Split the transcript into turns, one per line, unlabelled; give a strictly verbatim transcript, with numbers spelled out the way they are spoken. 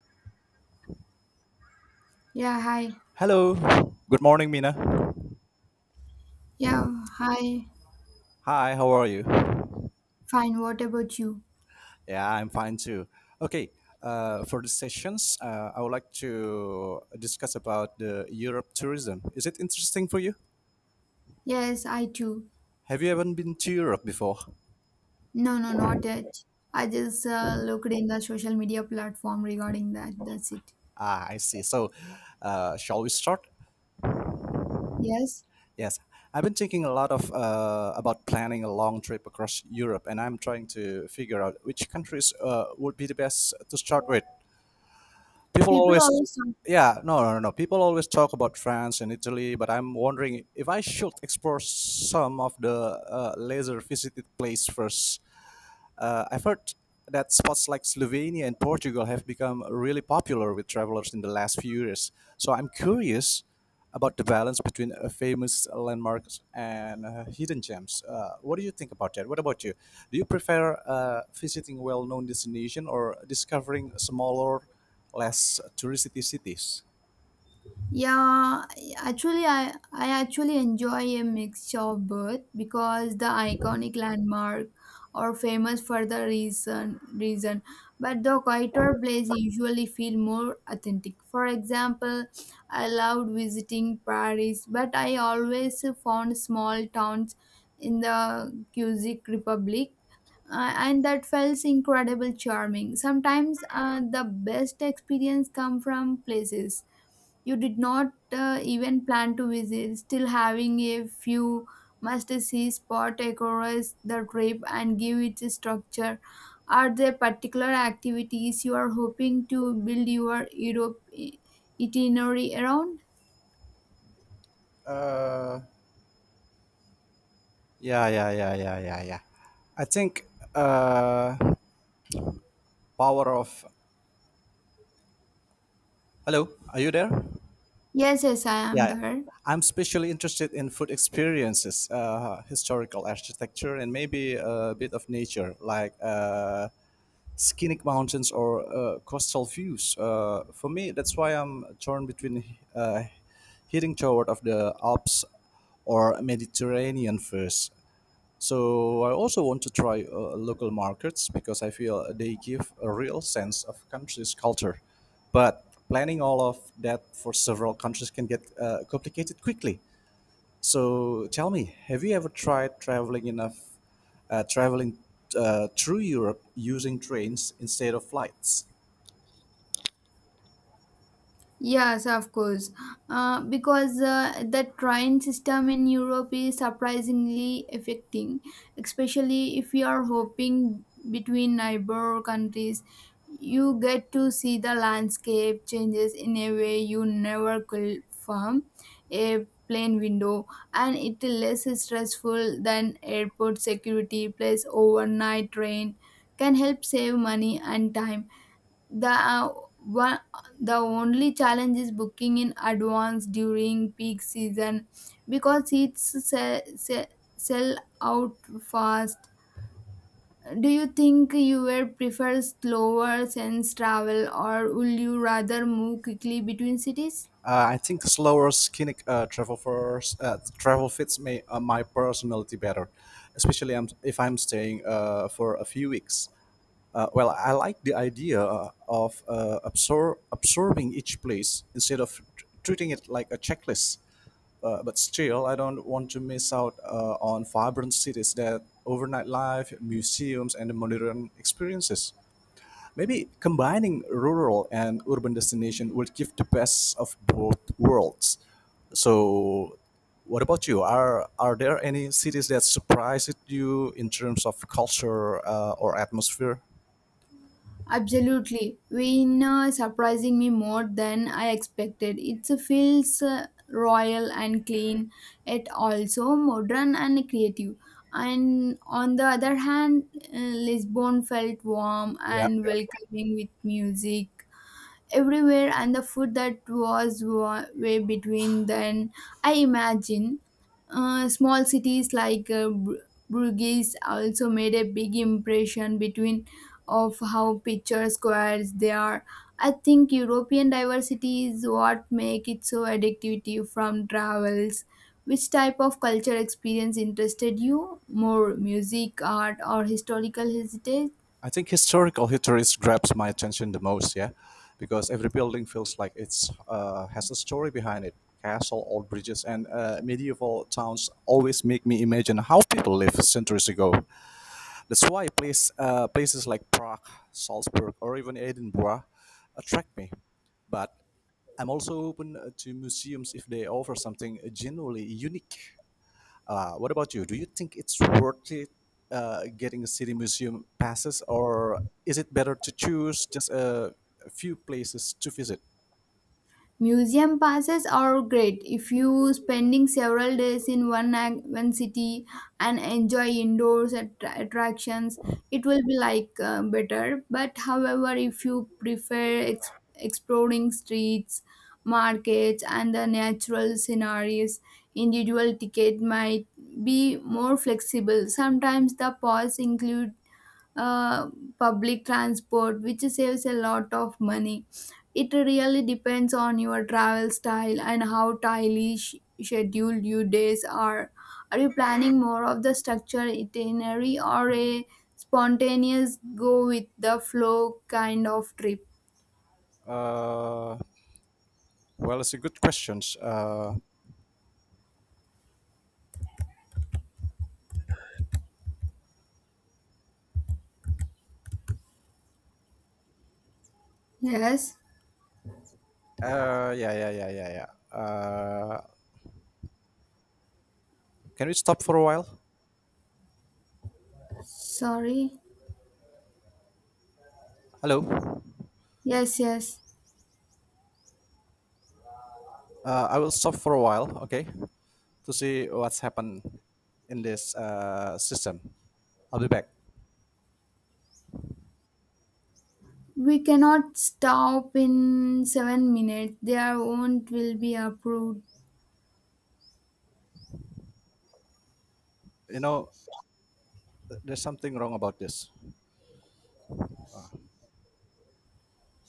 Yeah, hi.
Hello. Good morning, Mina.
Yeah, hi.
Hi, how are you?
Fine, what about you?
Yeah, I'm fine too. Okay, uh, for this sessions, uh, I would like to discuss about the Europe tourism. Is it interesting for you?
Yes, I too.
Have you ever been to Europe before?
No, no, not yet. I just uh, looked in the social media platform regarding that. That's it.
Ah, I see. So, uh, shall we start?
Yes,
Yes, I've been thinking a lot of uh, about planning a long trip across Europe, and I'm trying to figure out which countries uh, would be the best to start with. People
people
always
always.
yeah no no no no. People always talk about france and italy but I'm wondering if I should explore some of the uh, lesser visited place first. uh, I've heard that spots like Slovenia and Portugal have become really popular with travelers in the last few years. So I'm curious about the balance between uh, famous landmarks and uh, hidden gems. Uh, what do you think about that? What about you? Do you prefer uh, visiting well-known destination or discovering smaller, less touristy cities?
Yeah, actually, I, I actually enjoy a mixture of both because the iconic landmark are famous for the reason reason, but the quieter place usually feel more authentic. For example, I loved visiting Paris, but I always found small towns in the Czech Republic. Uh, and that felt incredible charming. Sometimes uh, the best experience come from places you did not uh, even plan to visit. Still, having a few must-see spot across the trip and give it a structure. Are there particular activities you are hoping to build your Europe i- itinerary around?
Uh, yeah, yeah, yeah, yeah, yeah, yeah. I think uh, power of hello. Are you there?
Yes, yes, I
Yeah,
am
yeah.
there.
I'm especially interested in food experiences, uh, historical architecture, and maybe a bit of nature, like uh, scenic mountains or uh, coastal views. Uh, for me, that's why I'm torn between uh, heading toward of the Alps or Mediterranean first. So I also want to try uh, local markets because I feel they give a real sense of country's culture. But planning all of that for several countries can get uh, complicated quickly. So tell me, have you ever tried traveling enough, uh, traveling uh, through Europe using trains instead of flights?
Yes, of course. Uh, because uh, the train system in Europe is surprisingly affecting, especially if you are hopping between neighbor countries. You get to see the landscape changes in a way you never could from a plane window, and it is less stressful than airport security. Plus, overnight train can help save money and time. The uh, one, the only challenge is booking in advance during peak season because seats sell, sell, sell out fast. Do you think you will prefer slower sense travel or will you rather move quickly between cities?
Uh, I think slower skinny uh, travel first, uh, travel fits me, uh, my personality better, especially I'm, if I'm staying uh, for a few weeks. Uh, well, I like the idea uh, of uh, absor- absorbing each place instead of tr- treating it like a checklist. Uh, but still, I don't want to miss out uh, on vibrant cities that overnight life, museums, and the modern experiences. Maybe combining rural and urban destination will give the best of both worlds. So, what about you? Are are there any cities that surprised you in terms of culture uh, or atmosphere?
Absolutely. Vienna surprising me more than I expected. It feels uh, royal and clean, yet also modern and creative. And on the other hand, uh, Lisbon felt warm
Yeah,
and welcoming with music, everywhere, and the food that was wa- way between then I imagine uh, small cities like uh, Bru- Bruges also made a big impression between of how picture squares they are. I think European diversity is what make it so addictive from travels. Which type of culture experience interested you more, music, art, or historical heritage?
I think historical histories grabs my attention the most. Yeah, because every building feels like it's uh, has a story behind it. Castle, old bridges, and uh, medieval towns always make me imagine how people lived centuries ago. That's why place, uh, places like Prague, Salzburg, or even Edinburgh attract me. But I'm also open uh, to museums if they offer something uh, genuinely unique. Uh, what about you? Do you think it's worth it uh, getting a city museum passes, or is it better to choose just a, a few places to visit?
Museum passes are great if you spending several days in one ac- one city and enjoy indoors attra- attractions. It will be like uh, better. But however, if you prefer ex- exploring streets, markets, and the natural scenarios, individual ticket might be more flexible. Sometimes the pass include uh, public transport, which saves a lot of money. It really depends on your travel style and how tightly sh- scheduled your days are. Are you planning more of the structured itinerary or a spontaneous go with the flow kind of trip?
Uh, Well, it's a good questions. Uh,
Yes,
uh, yeah, yeah, yeah, yeah, yeah. Uh, can we stop for a while?
sorry.
Hello.
Yes, yes.
Uh, I will stop for a while, okay, to see what's happened in this uh, system. I'll be back.
We cannot stop in seven minutes. Their own will be approved.
You know, there's something wrong about this. Uh,